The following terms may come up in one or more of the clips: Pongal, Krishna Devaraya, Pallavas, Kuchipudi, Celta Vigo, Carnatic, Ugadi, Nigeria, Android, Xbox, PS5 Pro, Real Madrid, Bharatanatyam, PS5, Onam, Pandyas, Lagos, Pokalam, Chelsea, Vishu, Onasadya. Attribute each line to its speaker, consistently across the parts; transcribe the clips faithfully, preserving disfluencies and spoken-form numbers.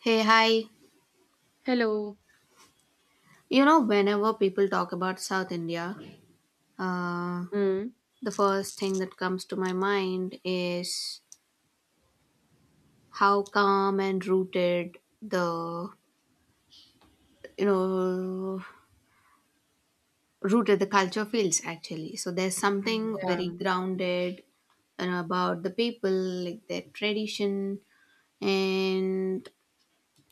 Speaker 1: Hey, hi.
Speaker 2: Hello.
Speaker 1: You know, whenever people talk about South India, uh,
Speaker 2: Mm.
Speaker 1: the first thing that comes to my mind is how calm and rooted the you know rooted the culture feels actually. So there's something very
Speaker 2: Yeah.
Speaker 1: grounded and about the people, like their tradition and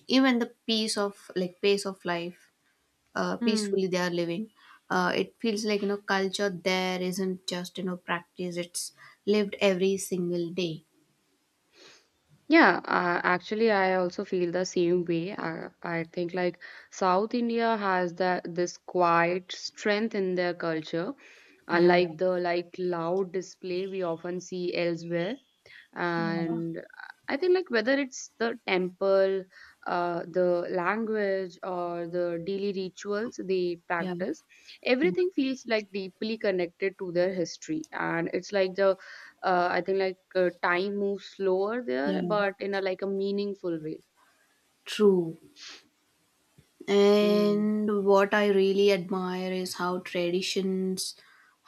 Speaker 1: even the peace of like pace of life uh,
Speaker 2: Mm.
Speaker 1: peacefully they are living. Uh, it feels like you know culture there isn't just you know practice; it's lived every single day.
Speaker 2: Yeah, uh, actually, I also feel the same way. I, I think like South India has that this quiet strength in their culture,
Speaker 1: Yeah,
Speaker 2: unlike the like loud display we often see elsewhere.
Speaker 1: yeah,
Speaker 2: And I think like whether it's the temple, uh, the language, or the daily rituals they
Speaker 1: yeah,
Speaker 2: practice,
Speaker 1: yeah,
Speaker 2: everything feels like deeply connected to their history. And it's like the uh, I think like uh, Time moves slower
Speaker 1: yeah.
Speaker 2: there, but in a like a meaningful way.
Speaker 1: True.
Speaker 2: mm.
Speaker 1: And what I really admire is how traditions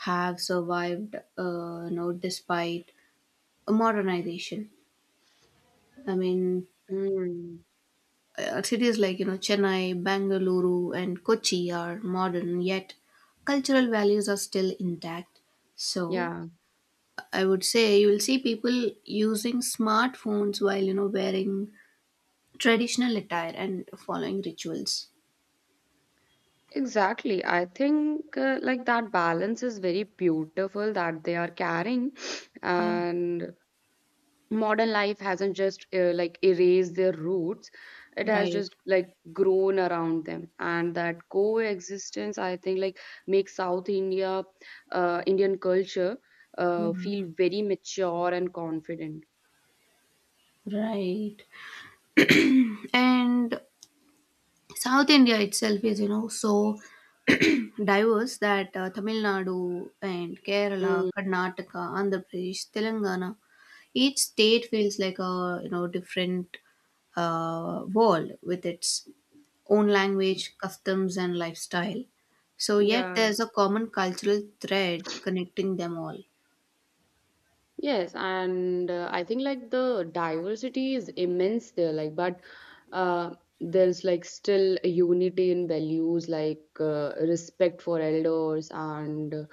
Speaker 1: have survived, uh, you know, despite modernization. I mean,
Speaker 2: Mm.
Speaker 1: uh, cities like you know Chennai, Bangalore, and Kochi are modern yet cultural values are still intact. So
Speaker 2: Yeah,
Speaker 1: I would say you will see people using smartphones while you know wearing traditional attire and following rituals.
Speaker 2: exactly. I think, uh, like, that balance is very beautiful that they are carrying,
Speaker 1: Yeah,
Speaker 2: and modern life hasn't just uh, like erased their roots. It has
Speaker 1: right.
Speaker 2: just like grown around them, and that coexistence, I think like, makes south india uh, Indian culture
Speaker 1: Yeah,
Speaker 2: uh, feel very mature and confident.
Speaker 1: right. And South India itself is, you know, so diverse that uh, Tamil Nadu and Kerala,
Speaker 2: mm,
Speaker 1: Karnataka, Andhra Pradesh, Telangana, each state feels like a, you know, different uh, world with its own language, customs, and lifestyle. So, yet
Speaker 2: yeah
Speaker 1: there's a common cultural thread connecting them all.
Speaker 2: Yes, and uh, I think like the diversity is immense there, like, but uh, there's like still a unity in values, like uh, respect for elders and uh,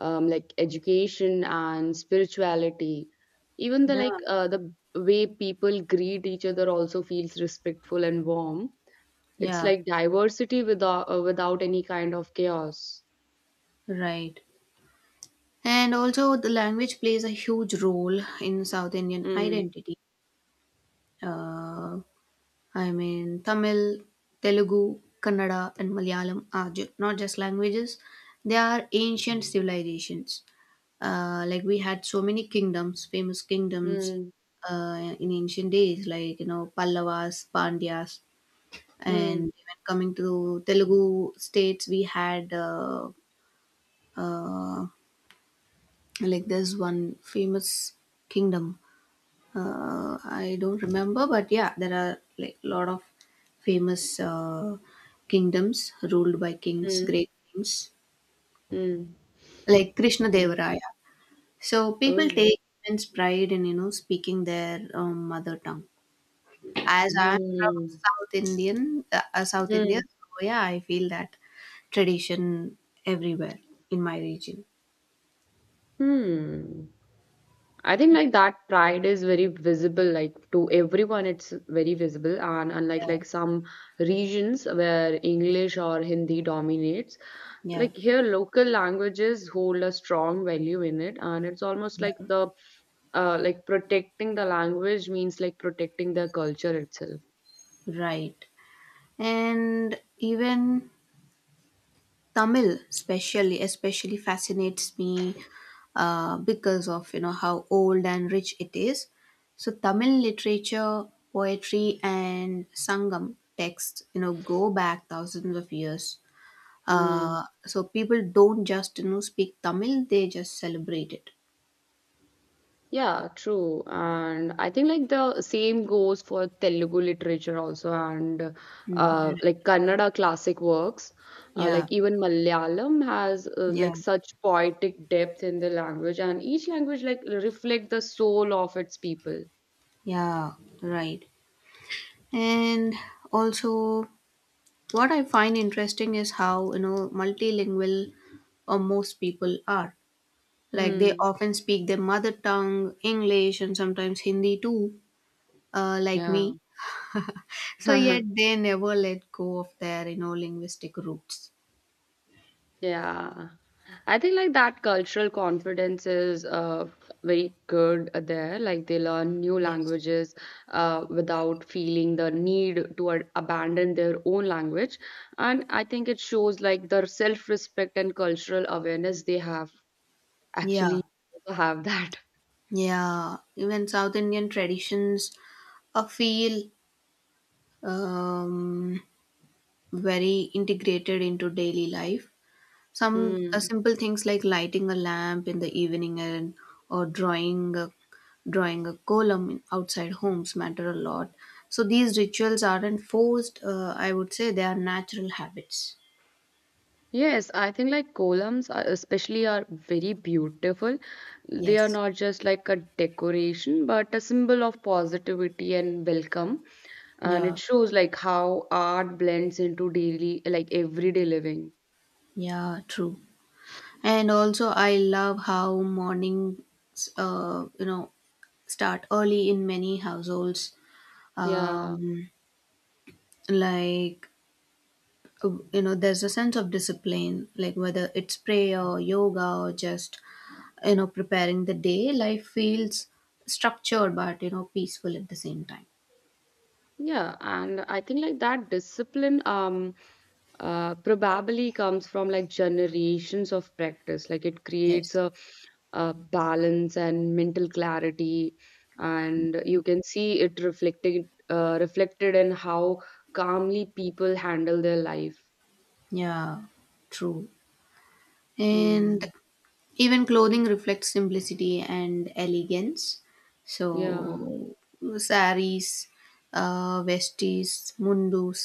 Speaker 2: um, like education and spirituality. Even the
Speaker 1: Yeah.
Speaker 2: like uh, the way people greet each other also feels respectful and warm. It's
Speaker 1: Yeah,
Speaker 2: like diversity without uh, without any kind of chaos.
Speaker 1: right. And also, the language plays a huge role in South Indian
Speaker 2: Mm,
Speaker 1: identity. Uh, I mean, Tamil, Telugu, Kannada, and Malayalam are ju- not just languages; they are ancient civilizations. Uh, like we had so many kingdoms, famous kingdoms
Speaker 2: mm,
Speaker 1: uh, in ancient days, like you know Pallavas, Pandyas, and
Speaker 2: mm,
Speaker 1: even coming to Telugu states, we had uh, uh, like there's one famous kingdom uh, I don't remember, but yeah, there are like a lot of famous uh, kingdoms ruled by kings,
Speaker 2: mm,
Speaker 1: great kings
Speaker 2: mm,
Speaker 1: like Krishna
Speaker 2: mm.
Speaker 1: Devaraya. So people
Speaker 2: Oh.
Speaker 1: take immense pride in you know speaking their um, mother tongue. As I'm from
Speaker 2: Hmm.
Speaker 1: South Indian, uh, uh, South
Speaker 2: Hmm.
Speaker 1: India, so yeah, I feel that tradition everywhere in my region.
Speaker 2: hmm. I think like that pride is very visible, like to everyone, it's very visible. And unlike
Speaker 1: Yeah,
Speaker 2: like some regions where English or Hindi dominates,
Speaker 1: yeah,
Speaker 2: like here local languages hold a strong value in it, and it's almost
Speaker 1: yeah,
Speaker 2: like the uh like protecting the language means like protecting the culture itself.
Speaker 1: right. And even Tamil especially especially fascinates me uh, because of you know how old and rich it is. So Tamil literature, poetry, and sangam texts you know go back thousands of years.
Speaker 2: Mm.
Speaker 1: Uh, so people don't just you know speak Tamil; they just celebrate it.
Speaker 2: Yeah, true. And I think like the same goes for Telugu literature also, and
Speaker 1: Mm,
Speaker 2: uh,
Speaker 1: right.
Speaker 2: like Kannada classic works. Uh,
Speaker 1: Yeah.
Speaker 2: like, even Malayalam has uh,
Speaker 1: Yeah.
Speaker 2: like such poetic depth in the language, and each language like reflect the soul of its people.
Speaker 1: Yeah. Right. And also. What I find interesting is how, you know, multilingual uh, most people are. Like they
Speaker 2: Hmm.
Speaker 1: often speak their mother tongue, English, and sometimes Hindi too, uh, like
Speaker 2: Yeah.
Speaker 1: me. So yet they never let go of their, you know, linguistic roots.
Speaker 2: Yeah. I think like that cultural confidence is uh, very good there. Like they learn new
Speaker 1: Yes.
Speaker 2: languages uh, without feeling the need to a- abandon their own language. And I think it shows like their self-respect and cultural awareness they have actually
Speaker 1: Yeah.
Speaker 2: have that.
Speaker 1: Yeah. Even South Indian traditions uh, feel um, very integrated into daily life. Some uh,
Speaker 2: Mm.
Speaker 1: simple things like lighting a lamp in the evening and or drawing a, drawing a column in outside homes matter a lot. So these rituals aren't forced. Uh, I would say they are natural habits.
Speaker 2: Yes, I think like columns are, especially, are very beautiful. They are
Speaker 1: Yes.
Speaker 2: not just like a decoration, but a symbol of positivity and welcome. And it
Speaker 1: Yeah.
Speaker 2: shows like how art blends into daily like everyday living.
Speaker 1: Yeah, true. And also, I love how mornings, uh, you know, start early in many households.
Speaker 2: yeah
Speaker 1: Um, like uh, you know there's a sense of discipline like whether it's prayer or yoga or just you know preparing the day life feels structured but you know peaceful at the same time.
Speaker 2: yeah and I think like that discipline, um uh, probably comes from like generations of practice. Like it creates
Speaker 1: yes
Speaker 2: a, a balance and mental clarity, and you can see it reflecting uh, reflected in how calmly people handle their life.
Speaker 1: yeah true. And
Speaker 2: mm,
Speaker 1: even clothing reflects simplicity and elegance, so
Speaker 2: yeah
Speaker 1: saris, uh, vesties, mundus,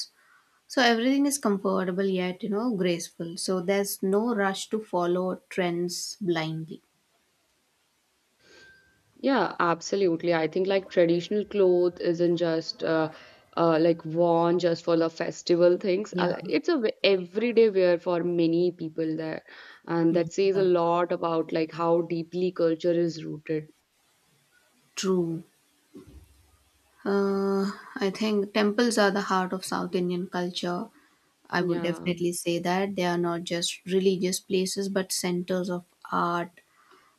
Speaker 1: so everything is comfortable yet you know graceful, so there's no rush to follow trends blindly.
Speaker 2: Yeah, absolutely. I think like traditional cloth isn't just uh, uh, like worn just for the festival things. I
Speaker 1: Yeah.
Speaker 2: like- It's a w- everyday wear for many people there, and
Speaker 1: Mm.
Speaker 2: that says a
Speaker 1: Yeah,
Speaker 2: lot about like how deeply culture is rooted.
Speaker 1: true. Uh, I think temples are the heart of South Indian culture. I would
Speaker 2: Yeah,
Speaker 1: definitely say that they are not just religious places, but centers of art,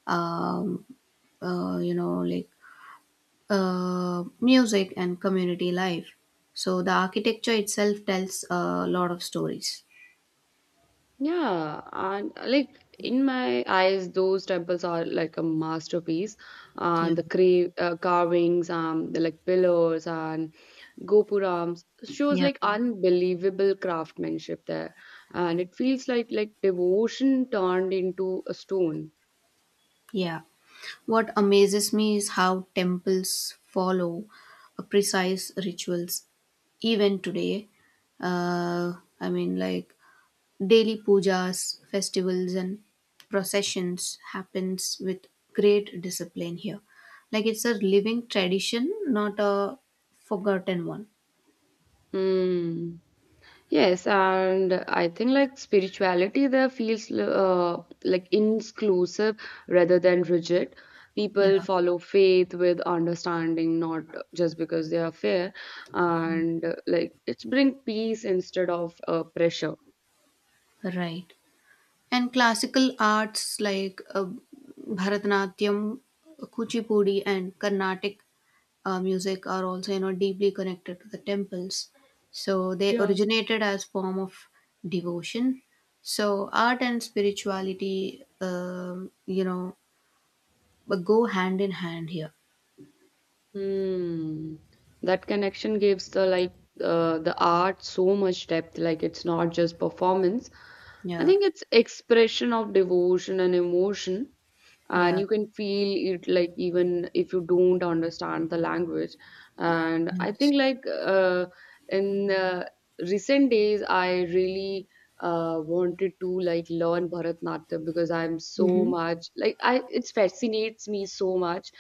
Speaker 1: um, uh, you know, like uh, music and community life. So the architecture itself tells a lot of stories.
Speaker 2: yeah, and uh, like in my eyes, those temples are like a masterpiece.
Speaker 1: Yeah,
Speaker 2: And the cra uh, carvings, um, the like pillars and gopurams, shows
Speaker 1: yeah.
Speaker 2: like unbelievable craftsmanship there, and it feels like like devotion turned into a stone.
Speaker 1: yeah. What amazes me is how temples follow a precise rituals even today. Uh, I mean, like daily pujas, festivals, and processions happens with great discipline here. Like it's a living tradition, not a forgotten one.
Speaker 2: Hmm. Yes, and I think like spirituality there feels uh, like inclusive rather than rigid. People
Speaker 1: Yeah,
Speaker 2: follow faith with understanding, not just because they are fair, and uh, like it's bring peace instead of uh, pressure.
Speaker 1: right. And classical arts like uh, Bharatanatyam, Kuchipudi, and Carnatic uh, music are also you know deeply connected to the temples. So they
Speaker 2: Yeah.
Speaker 1: originated as form of devotion. So art and spirituality, um, you know, but go hand in hand here.
Speaker 2: Hmm. That connection gives the like uh, the art so much depth. Like it's not just performance. I
Speaker 1: Yeah,
Speaker 2: think it's expression of devotion and emotion, and
Speaker 1: yeah,
Speaker 2: you can feel it like even if you don't understand the language. And I
Speaker 1: yes.
Speaker 2: think like uh, in uh, recent days, I really uh, wanted to like learn Bharatanatyam because I'm so
Speaker 1: Mm-hmm.
Speaker 2: much like I it fascinates me so much.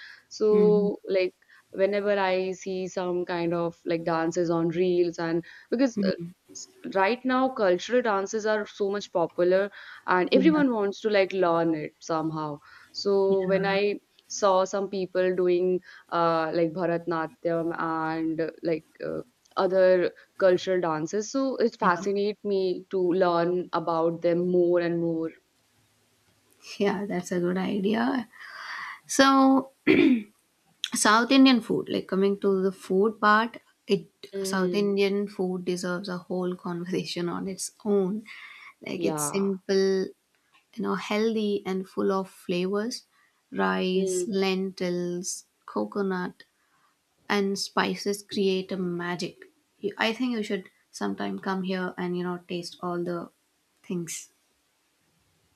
Speaker 1: Mm-hmm.
Speaker 2: So like whenever I see some kind of like dances on reels and because uh,
Speaker 1: Mm-hmm.
Speaker 2: s- right now cultural dances are so much popular, and
Speaker 1: Yeah,
Speaker 2: everyone wants to like learn it somehow. So when
Speaker 1: yeah,
Speaker 2: I saw some people doing uh, like Bharatnatyam and uh, like uh, other cultural dances, so it
Speaker 1: yeah.
Speaker 2: fascinates me to learn about them more and more.
Speaker 1: Yeah, that's a good idea. So South Indian food, like coming to the food part, it South
Speaker 2: Mm,
Speaker 1: Indian food deserves a whole conversation on its own. Like it's
Speaker 2: yeah.
Speaker 1: simple, you know, healthy and full of flavors. Rice,
Speaker 2: Mm,
Speaker 1: lentils, coconut, and spices create a magic. You, I think you should sometime come here and you know taste all the things.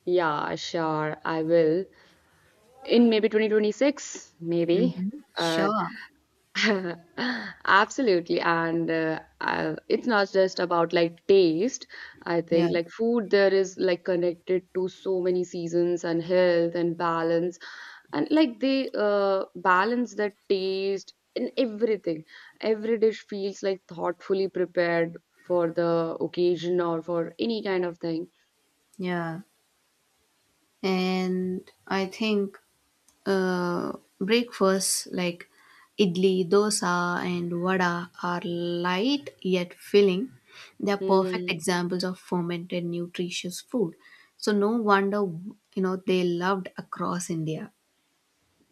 Speaker 2: yeah, sure, I will. In maybe twenty twenty-six maybe.
Speaker 1: hmm
Speaker 2: uh,
Speaker 1: Sure.
Speaker 2: Absolutely, and uh, uh, it's not just about like taste. I think
Speaker 1: Yeah.
Speaker 2: like food there is like connected to so many seasons and health and balance, and like they uh, balance the taste in everything. Every dish feels like thoughtfully prepared for the occasion or for any kind of thing.
Speaker 1: Yeah. And I think uh, breakfasts like idli, dosa, and vada are light yet filling. They are perfect
Speaker 2: mm,
Speaker 1: examples of fermented nutritious food. So no wonder you know they loved across India.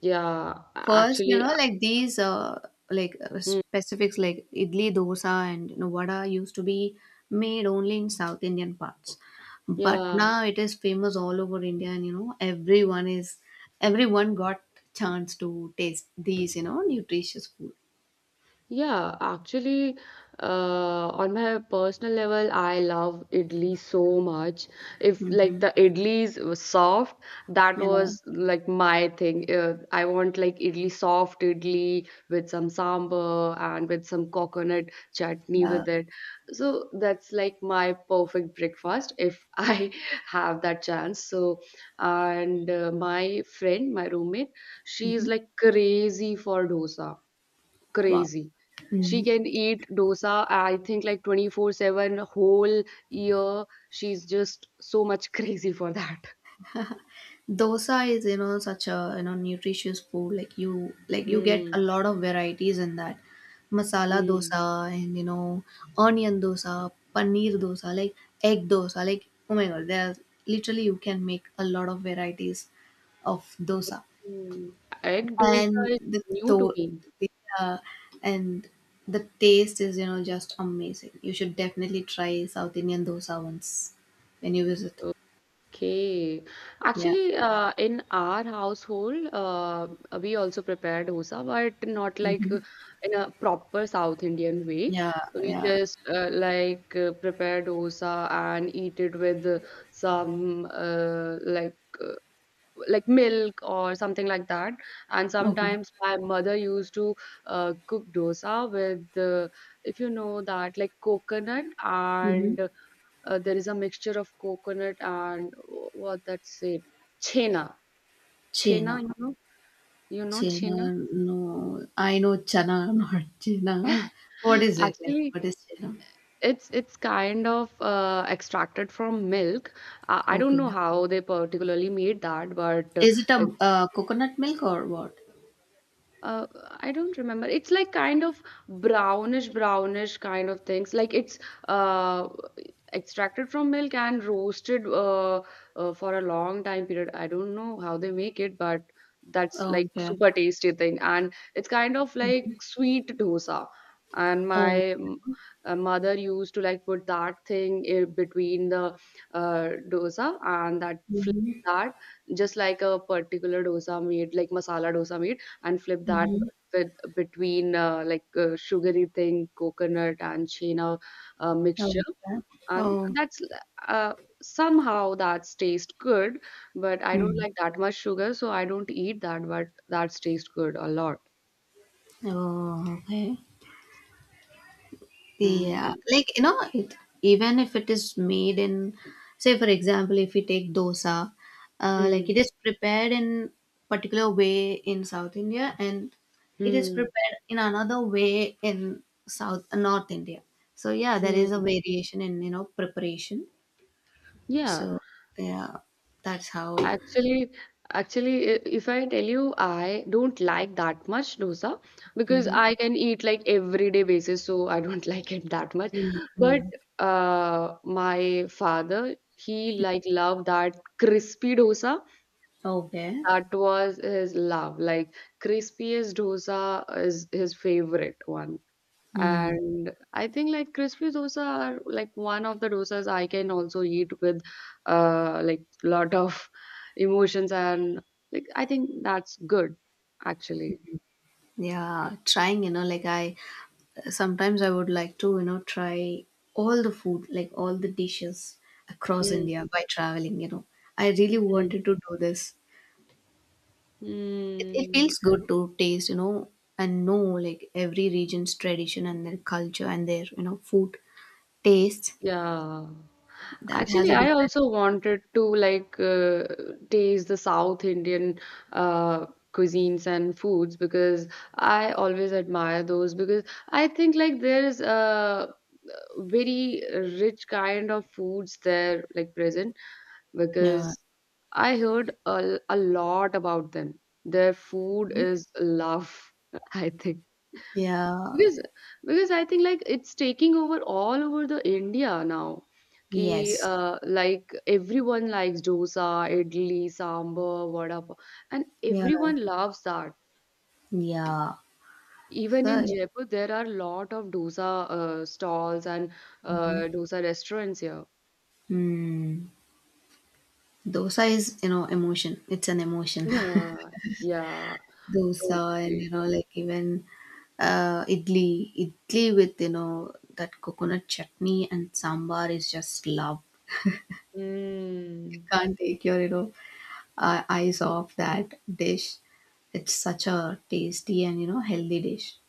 Speaker 2: yeah
Speaker 1: First, you
Speaker 2: actually
Speaker 1: know,
Speaker 2: uh,
Speaker 1: like these, uh, like uh,
Speaker 2: mm,
Speaker 1: specifics like idli, dosa, and you know, vada used to be made only in South Indian parts, but
Speaker 2: yeah
Speaker 1: now it is famous all over India, and you know, everyone is everyone got chance to taste these, you know, nutritious food.
Speaker 2: Yeah, actually, uh, on my personal level, I love idli so much. If like
Speaker 1: hmm
Speaker 2: the idlis was soft, that
Speaker 1: Yeah,
Speaker 2: was like my thing. Uh, I want like idli soft idli with some sambar and with some coconut chutney
Speaker 1: yeah.
Speaker 2: with it. So that's like my perfect breakfast if I have that chance. So, and uh, my friend, my roommate, she
Speaker 1: hmm
Speaker 2: is like crazy for dosa
Speaker 1: Wow.
Speaker 2: crazy. She
Speaker 1: Mhm.
Speaker 2: can eat dosa, I think, like twenty-four seven whole year. She's just so much crazy for that.
Speaker 1: Dosa is you know such a you know nutritious food, like you like you get a
Speaker 2: Mm,
Speaker 1: lot of varieties in that, masala
Speaker 2: mm,
Speaker 1: dosa and you know, onion dosa, paneer dosa, like egg dosa, like oh my god, there's literally you can make a lot of varieties of dosa,
Speaker 2: mm. Egg dosa
Speaker 1: and
Speaker 2: is
Speaker 1: the
Speaker 2: new to
Speaker 1: to-
Speaker 2: me.
Speaker 1: uh, and the taste is you know just amazing. You should definitely try south indian dosa once when you visit.
Speaker 2: Okay.
Speaker 1: yeah
Speaker 2: Actually, uh, in our household, uh, we also prepare dosa, but not like
Speaker 1: Mhm.
Speaker 2: uh, in a proper South Indian way.
Speaker 1: yeah
Speaker 2: We
Speaker 1: yeah
Speaker 2: just uh, like uh, prepare dosa and eat it with uh, some uh, like uh, like milk or something like that. And
Speaker 1: okay
Speaker 2: sometimes my mother used to uh, cook dosa with, uh, if you know that, like coconut
Speaker 1: Mhm.
Speaker 2: and uh, there is a mixture of coconut and wh- what that's it, chena. Chena,
Speaker 1: Chena.
Speaker 2: you know, you know
Speaker 1: Chena,
Speaker 2: chena.
Speaker 1: no. I know chana, not chena. What is it like?
Speaker 2: Actually,
Speaker 1: What is chena?
Speaker 2: it's it's kind of uh, extracted from milk. Uh, I don't know
Speaker 1: Okay.
Speaker 2: how they particularly made that, but uh,
Speaker 1: Is it a
Speaker 2: it's
Speaker 1: uh, coconut milk or what?
Speaker 2: uh, I don't remember. It's like kind of brownish, brownish kind of things. Like it's uh, extracted from milk and roasted uh, uh, for a long time period. I don't know how they make it, but that's like
Speaker 1: Okay.
Speaker 2: super tasty thing. And it's kind of like sweet dosa. And
Speaker 1: Oh.
Speaker 2: my m- uh, mother used to like put that thing in between the uh, dosa, and that fl-
Speaker 1: Mm-hmm.
Speaker 2: that, just like a particular dosa made, like masala dosa made, and flip that
Speaker 1: Mm-hmm.
Speaker 2: with between uh, like uh, sugary thing, coconut and chena uh,
Speaker 1: Okay.
Speaker 2: mixture. And
Speaker 1: Oh.
Speaker 2: that's uh, somehow that's taste good, but I don't
Speaker 1: Mm.
Speaker 2: like that much sugar, so I don't eat that, but that's taste good a lot.
Speaker 1: Oh, okay. Yeah,
Speaker 2: Mm.
Speaker 1: like you know, it, even if it is made in, say for example, if we take dosa, uh, like
Speaker 2: Mm.
Speaker 1: it is prepared in particular way in South India, and it is
Speaker 2: Mm.
Speaker 1: prepared in another way in South uh, North India. So yeah, there is a
Speaker 2: Mm.
Speaker 1: variation in you know preparation.
Speaker 2: Yeah.
Speaker 1: So yeah, that's how.
Speaker 2: Actually, actually, i- if I tell you, I don't like that much dosa because
Speaker 1: Mm-hmm.
Speaker 2: I can eat like everyday basis, so I don't like it that much. But
Speaker 1: Mm-hmm.
Speaker 2: uh, my father, he like loved that crispy dosa.
Speaker 1: Okay.
Speaker 2: That was his love. Like crispiest dosa is his favorite one.
Speaker 1: Hmm.
Speaker 2: And I think like crispy dosa are like one of the dosas I can also eat with uh like lot of emotions and like I think that's good actually.
Speaker 1: Yeah, trying, you know, like I sometimes I would like to, you know, try all the food, like all the dishes across
Speaker 2: Mm,
Speaker 1: India by traveling, you know. I really
Speaker 2: mm,
Speaker 1: wanted to do this. It, it
Speaker 2: mm,
Speaker 1: feels good to taste, you know, and know like every region's tradition and their culture and their, you know, food taste
Speaker 2: yeah.
Speaker 1: that has
Speaker 2: Actually,
Speaker 1: a
Speaker 2: I
Speaker 1: different,
Speaker 2: also wanted to like uh, taste the South Indian uh cuisines and foods because I always admire those, because I think like there is uh, very rich kind of foods there like present,
Speaker 1: yeah,
Speaker 2: because I heard a, a lot about them. Their food is love, I think.
Speaker 1: yeah,
Speaker 2: Because because I think like it's taking over all over the India now. Ki,
Speaker 1: yes,
Speaker 2: uh, like everyone likes dosa, idli, sambar, vada pav, and
Speaker 1: yeah,
Speaker 2: everyone loves that.
Speaker 1: yeah.
Speaker 2: Even
Speaker 1: So,
Speaker 2: in
Speaker 1: yeah.
Speaker 2: Jaipur, there are a lot of dosa uh, stalls and uh, dosa restaurants here.
Speaker 1: Mm, Dosa is, you know, emotion. It's an emotion.
Speaker 2: Yeah, yeah,
Speaker 1: Dosa and
Speaker 2: totally.
Speaker 1: you know like even uh, idli idli with you know that coconut chutney and sambar is just love. You
Speaker 2: Mm,
Speaker 1: can't take your you know uh, eyes off that dish. It's such a tasty and you know healthy dish.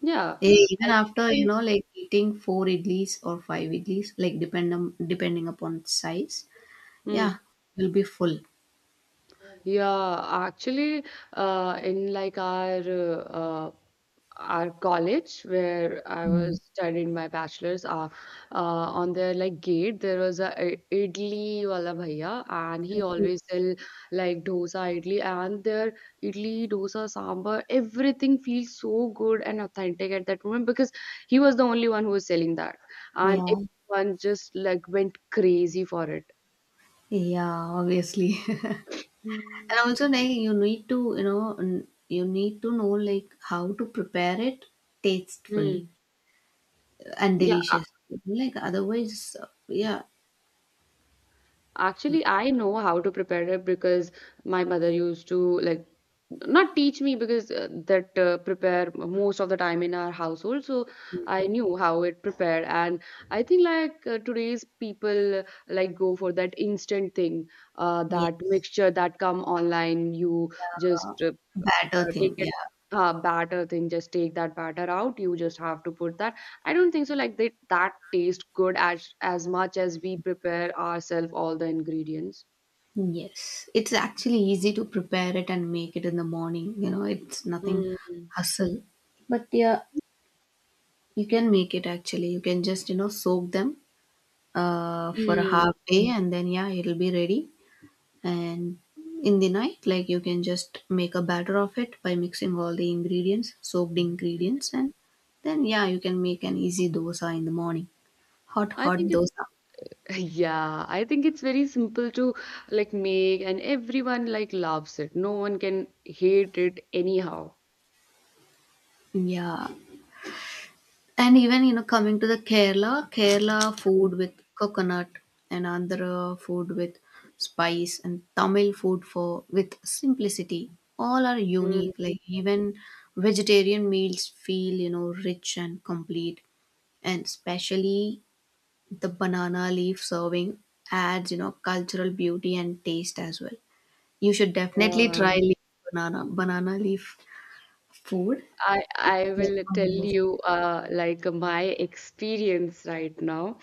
Speaker 2: yeah,
Speaker 1: Eh, even
Speaker 2: I
Speaker 1: after you
Speaker 2: think.
Speaker 1: know like eating four idlis or five idlis, like depend on, depending upon size, yeah
Speaker 2: Mm.
Speaker 1: you'll be full.
Speaker 2: Yeah, actually, uh, in like our uh, uh, our college where I
Speaker 1: Mm.
Speaker 2: was studying my bachelor's, uh, uh, on their like gate there was a i- idli wala bhaiya, and he
Speaker 1: Okay.
Speaker 2: always sell like dosa, idli, and their idli, dosa, sambar, everything feels so good and authentic at that moment because he was the only one who was selling that, and
Speaker 1: yeah
Speaker 2: everyone just like went crazy for it.
Speaker 1: yeah Obviously. And
Speaker 2: Hmm.
Speaker 1: also, like you need to, you know, n- you need to know like how to prepare it tastefully
Speaker 2: Hmm.
Speaker 1: and
Speaker 2: Yeah,
Speaker 1: delicious. Like otherwise, uh, yeah,
Speaker 2: actually, I know how to prepare it because my mother used to like not teach me because uh, that uh, prepare most of the time in our household. So I knew how it prepared, and I think like uh, today's people uh, like go for that instant thing, uh, that
Speaker 1: yes,
Speaker 2: mixture that come online. You
Speaker 1: yeah,
Speaker 2: just uh,
Speaker 1: batter
Speaker 2: uh,
Speaker 1: thing,
Speaker 2: take it
Speaker 1: yeah,
Speaker 2: uh, batter thing, just take that batter out, you just have to put that. I don't think so like they that tastes good as as much as we prepare ourselves all the ingredients.
Speaker 1: yes. It's actually easy to prepare it and make it in the morning. You know, it's nothing
Speaker 2: Mm.
Speaker 1: hustle. But yeah, you can make it actually. You can just you know soak them uh for a
Speaker 2: Mm.
Speaker 1: half day and then yeah, it'll be ready, and in the night like you can just make a batter of it by mixing all the ingredients soaked ingredients, and then yeah you can make an easy dosa in the morning, hot
Speaker 2: I
Speaker 1: hot
Speaker 2: think it's
Speaker 1: dosa.
Speaker 2: yeah, I think it's very simple to like make, and everyone like loves it. No one can hate it anyhow.
Speaker 1: Yeah, and even you know coming to the kerala kerala
Speaker 2: Mm.
Speaker 1: food with coconut and andhra food with spice and tamil food for with simplicity, all are
Speaker 2: Mm.
Speaker 1: unique, like even vegetarian meals feel you know rich and complete, and especially the banana leaf serving adds you know cultural beauty and taste as well. You should definitely
Speaker 2: Yeah.
Speaker 1: try leaf banana banana leaf food.
Speaker 2: I
Speaker 1: It's
Speaker 2: I
Speaker 1: just
Speaker 2: will tell
Speaker 1: amazing.
Speaker 2: you uh, like my experience right now.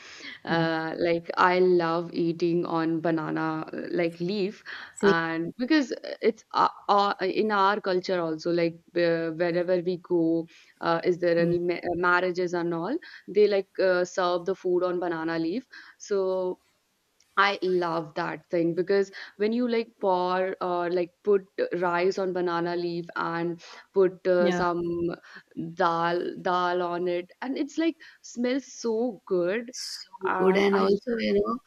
Speaker 1: Mm.
Speaker 2: Uh, like I love eating on banana uh, like leaf,
Speaker 1: See,
Speaker 2: and because it's uh, uh, in our culture also, like uh, wherever we go, uh, is there
Speaker 1: Mm.
Speaker 2: any ma marriages and all, they like uh, serve the food on banana leaf. So I love that thing because when you like pour or like put rice on banana leaf and put uh,
Speaker 1: yeah,
Speaker 2: some dal dal on it and it's like smells so good
Speaker 1: so good,
Speaker 2: and
Speaker 1: and
Speaker 2: I
Speaker 1: also you know,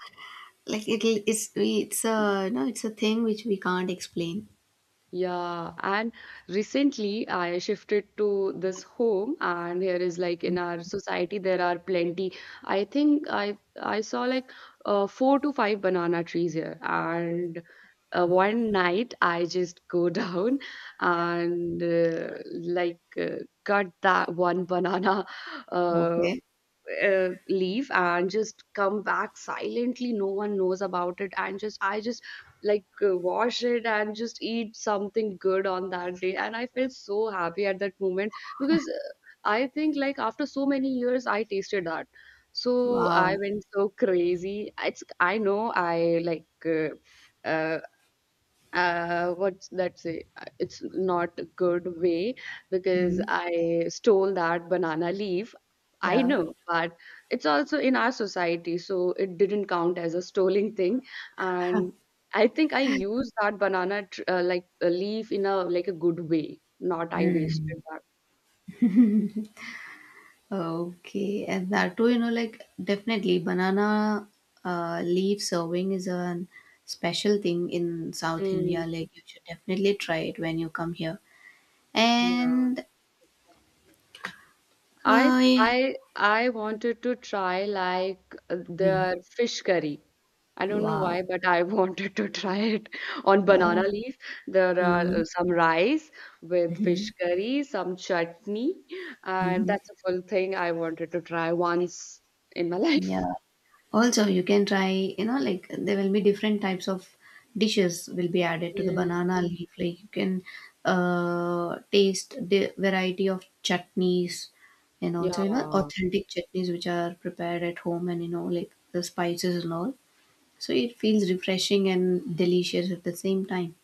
Speaker 1: like it'll it's we it's a no, it's a thing which we can't explain.
Speaker 2: Yeah, and recently I shifted to this home, and here is like in our society there are plenty. I think I I saw like uh, four to five banana trees here, and uh, one night I just go down and uh, like uh, cut that one banana uh,
Speaker 1: Okay.
Speaker 2: uh, leave and just come back silently no one knows about it and just I just like uh, wash it and just eat something good on that day and I felt so happy at that moment because uh, I think like after so many years I tasted that so I
Speaker 1: Wow.
Speaker 2: went so crazy it's I know I like uh, uh, uh what's that say Uh, it's not a good way because
Speaker 1: Mm.
Speaker 2: I stole that banana leaf I
Speaker 1: Yeah.
Speaker 2: know but it's also in our society so it didn't count as a stolen thing and I think I used that banana tr- uh, like a leaf in a like a good way not I
Speaker 1: Mm.
Speaker 2: wasted that
Speaker 1: Okay, and that too, you know, like definitely banana uh, leaf serving is a special thing in South
Speaker 2: mm,
Speaker 1: India. Like you should definitely try it when you come here.
Speaker 2: yeah.
Speaker 1: And
Speaker 2: I
Speaker 1: I,
Speaker 2: I I wanted to try like
Speaker 1: hmm,
Speaker 2: the fish curry. I don't know
Speaker 1: wow,
Speaker 2: why, but I wanted to try it on banana
Speaker 1: yeah,
Speaker 2: leaf. There are
Speaker 1: mm-hmm,
Speaker 2: uh, some rice with
Speaker 1: mm-hmm,
Speaker 2: fish curry, some chutney, and
Speaker 1: Mm-hmm.
Speaker 2: that's a full thing I wanted to try once in my life.
Speaker 1: Yeah. Also, you can try, you know, like there will be different types of dishes will be added to the
Speaker 2: Mm,
Speaker 1: banana Mm. leaf. Like you can uh, taste the variety of chutneys and also, you know,
Speaker 2: yeah,
Speaker 1: authentic chutneys which are prepared at home and, you know, like the spices and all. So it feels refreshing and delicious at the same time.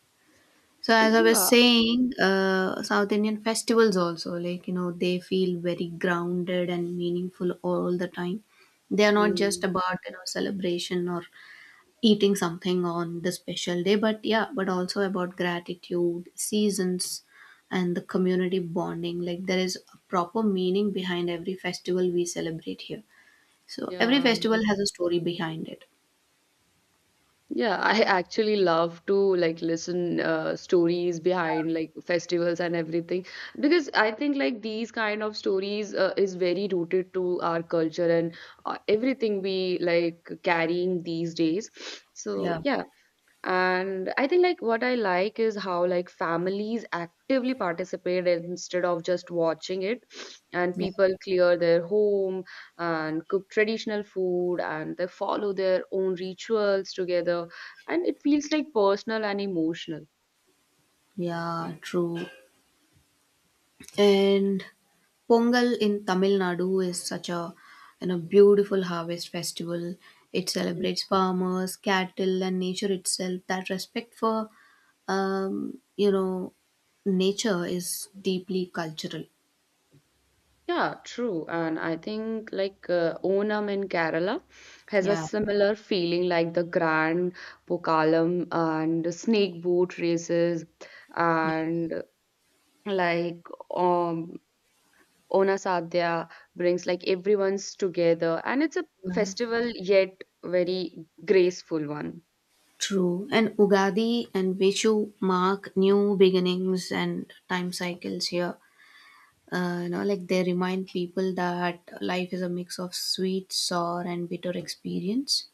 Speaker 1: So as I was
Speaker 2: yeah,
Speaker 1: saying, uh, South Indian festivals also like you know they feel very grounded and meaningful all the time. They are not
Speaker 2: mm,
Speaker 1: just about you know celebration or eating something on the special day, but yeah, but also about gratitude, seasons, and the community bonding. Like there is a proper meaning behind every festival we celebrate here. So every
Speaker 2: yeah.
Speaker 1: festival has a story behind it.
Speaker 2: Yeah, I actually love to like listen uh, stories behind like festivals and everything because I think like these kind of stories uh, is very rooted to our culture and uh, everything we like carrying these days. So
Speaker 1: Yeah,
Speaker 2: yeah, and I think like what I like is how like families actively participate instead of just watching it and
Speaker 1: yeah,
Speaker 2: people clear their home and cook traditional food and they follow their own rituals together and it feels like personal and emotional.
Speaker 1: yeah, true. And Pongal in Tamil Nadu is such a you know beautiful harvest festival. It
Speaker 2: Mm,
Speaker 1: celebrates farmers, cattle, and nature itself. That respect for um, you know nature is deeply cultural.
Speaker 2: yeah, true. And I think like uh, Onam in Kerala has a
Speaker 1: Yeah.
Speaker 2: similar feeling like the Grand Pokalam and snake boat races.
Speaker 1: Yeah.
Speaker 2: Mm, and like um Onasadya brings like everyone's together and it's a
Speaker 1: Yeah.
Speaker 2: festival yet very graceful one.
Speaker 1: True. And Ugadi and Vishu mark new beginnings and time cycles here. Uh, you know, like they remind people that life is a mix of sweet, sour, and bitter experience.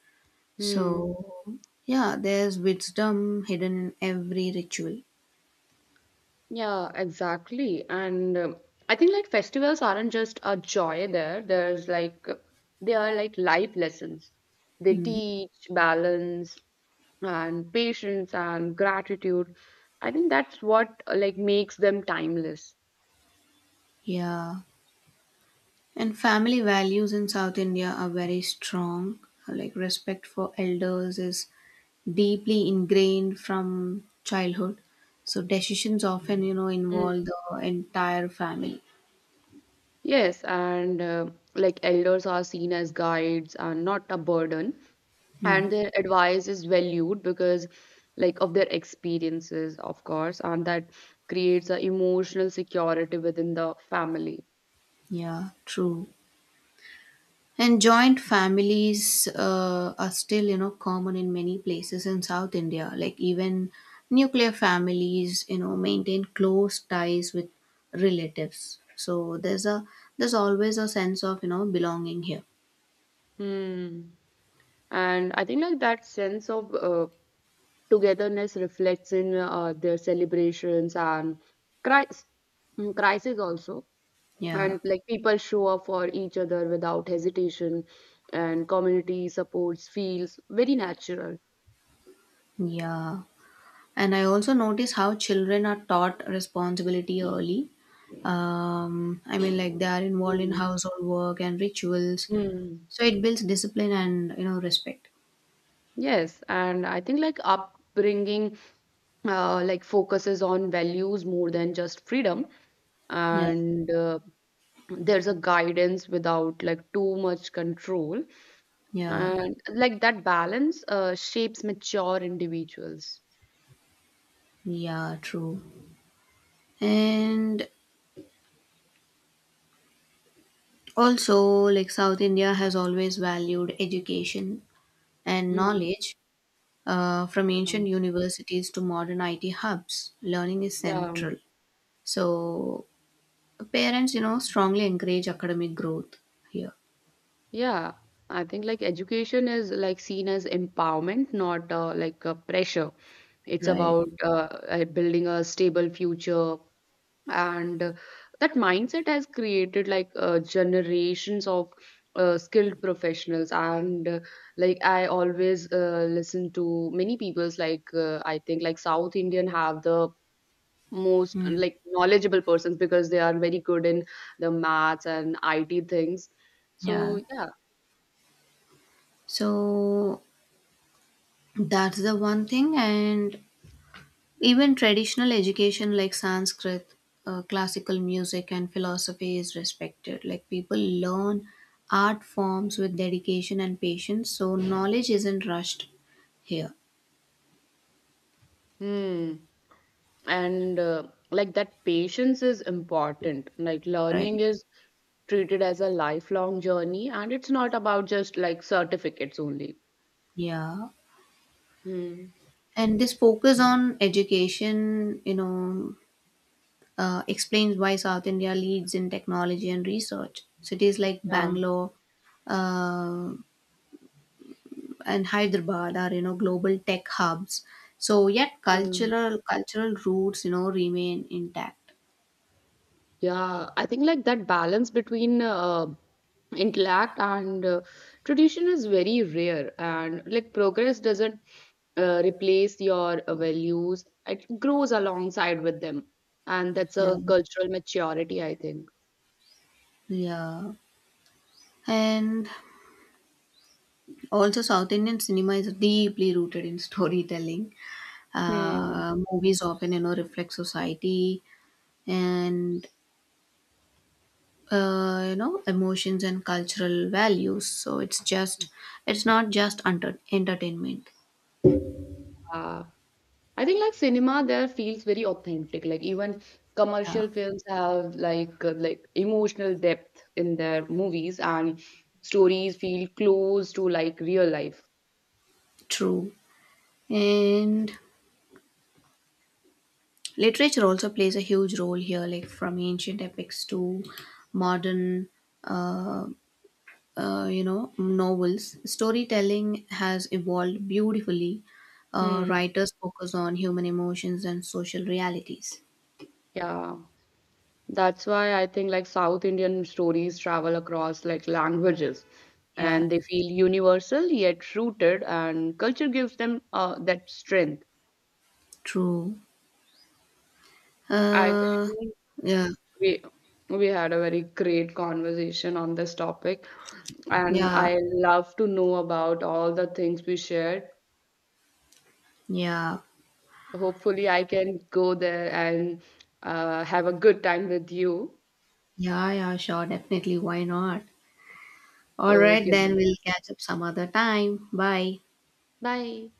Speaker 2: Hmm.
Speaker 1: So, yeah, there's wisdom hidden in every ritual.
Speaker 2: Yeah, exactly. And um, I think like festivals aren't just a joy there. There's like they are like life lessons. They
Speaker 1: Hmm.
Speaker 2: teach balance and patience and gratitude. I think that's what uh, like makes them timeless.
Speaker 1: Yeah. And family values in South India are very strong. Like respect for elders is deeply ingrained from childhood. So decisions often, you know, involve the entire family.
Speaker 2: Yes, and uh, like elders are seen as guides and not a burden,
Speaker 1: Hmm.
Speaker 2: and their advice is valued because like of their experiences, of course, and that creates a emotional security within the family.
Speaker 1: Yeah, true. And joint families uh, are still, you know, common in many places in South India. Like even nuclear families, you know, maintain close ties with relatives. So there's a there's always a sense of you know belonging here.
Speaker 2: Hmm. And I think like that sense of uh, togetherness reflects in uh, their celebrations and cri- mm, crisis also.
Speaker 1: Yeah,
Speaker 2: And like people show up for each other without hesitation and community supports feels very natural.
Speaker 1: yeah. And I also notice how children are taught responsibility early. Um, I mean, like they are involved in
Speaker 2: Mm.
Speaker 1: household work and rituals,
Speaker 2: Mm.
Speaker 1: so it builds discipline and you know respect.
Speaker 2: Yes, and I think like upbringing uh, like focuses on values more than just freedom
Speaker 1: Yeah,
Speaker 2: and uh, there's a guidance without like too much control
Speaker 1: yeah.
Speaker 2: and like that balance uh, shapes mature individuals.
Speaker 1: Yeah, true. And also, like South India has always valued education and
Speaker 2: Hmm.
Speaker 1: knowledge uh, from
Speaker 2: Yeah.
Speaker 1: ancient universities to modern I T hubs. Learning is
Speaker 2: Yeah,
Speaker 1: central. So, parents, you know, strongly encourage academic growth here.
Speaker 2: Yeah, I think like education is like seen as empowerment, not uh, like a pressure. It's
Speaker 1: Right.
Speaker 2: about uh, uh, building a stable future, and uh, that mindset has created like uh, generations of uh, skilled professionals. And uh, like I always uh, listen to many people's like uh, I think like South Indian have the most uh,
Speaker 1: Mm,
Speaker 2: like knowledgeable persons because they are very good in the maths and I T things. So
Speaker 1: yeah.
Speaker 2: yeah.
Speaker 1: So, that's the one thing. And even traditional education like Sanskrit, uh, classical music, and philosophy is respected. Like people learn art forms with dedication and patience, so knowledge isn't rushed here,
Speaker 2: Hmm. And uh, like that patience is important. Like
Speaker 1: right?
Speaker 2: learning is treated as a lifelong journey, and it's not about just like certificates only.
Speaker 1: Yeah.
Speaker 2: Hmm.
Speaker 1: And this focus on education, you know, uh, explains why South India leads in technology and research. Cities like
Speaker 2: Yeah.
Speaker 1: Bangalore, uh, and Hyderabad are you know global tech hubs. So yet
Speaker 2: Hmm.
Speaker 1: cultural cultural roots you know remain intact.
Speaker 2: Yeah. I think like that balance between uh, intellect and uh, tradition is very rare, and like progress doesn't uh, replace your uh, values. It grows alongside with them, and that's
Speaker 1: Yeah,
Speaker 2: a cultural maturity, I think.
Speaker 1: yeah, and also South Indian cinema is deeply rooted in storytelling.
Speaker 2: Hmm.
Speaker 1: Uh, movies often you know reflect society and uh, you know emotions and cultural values. So it's just it's not just enter- entertainment.
Speaker 2: I think like cinema there feels very authentic. Like even
Speaker 1: Yeah,
Speaker 2: commercial films have like uh, like emotional depth in their movies and stories feel close to like real life.
Speaker 1: true. And literature also plays a huge role here, like from ancient epics to modern, uh, uh, you know, novels. Storytelling has evolved beautifully. Uh,
Speaker 2: Hmm.
Speaker 1: writers focus on human emotions and social realities.
Speaker 2: Yeah. That's why I think like South Indian stories travel across like languages
Speaker 1: Yeah,
Speaker 2: and they feel universal yet rooted and culture gives them uh, that strength.
Speaker 1: true.
Speaker 2: I
Speaker 1: Uh,
Speaker 2: think
Speaker 1: yeah,
Speaker 2: we we had a very great conversation on this topic. And I
Speaker 1: yeah,
Speaker 2: love to know about all the things we shared.
Speaker 1: yeah,
Speaker 2: Hopefully, I can go there and uh, have a good time with you.
Speaker 1: yeah, yeah, sure, definitely. Why not? All right,
Speaker 2: Okay,
Speaker 1: then
Speaker 2: then.
Speaker 1: we'll catch up some other time. Bye.
Speaker 2: Bye.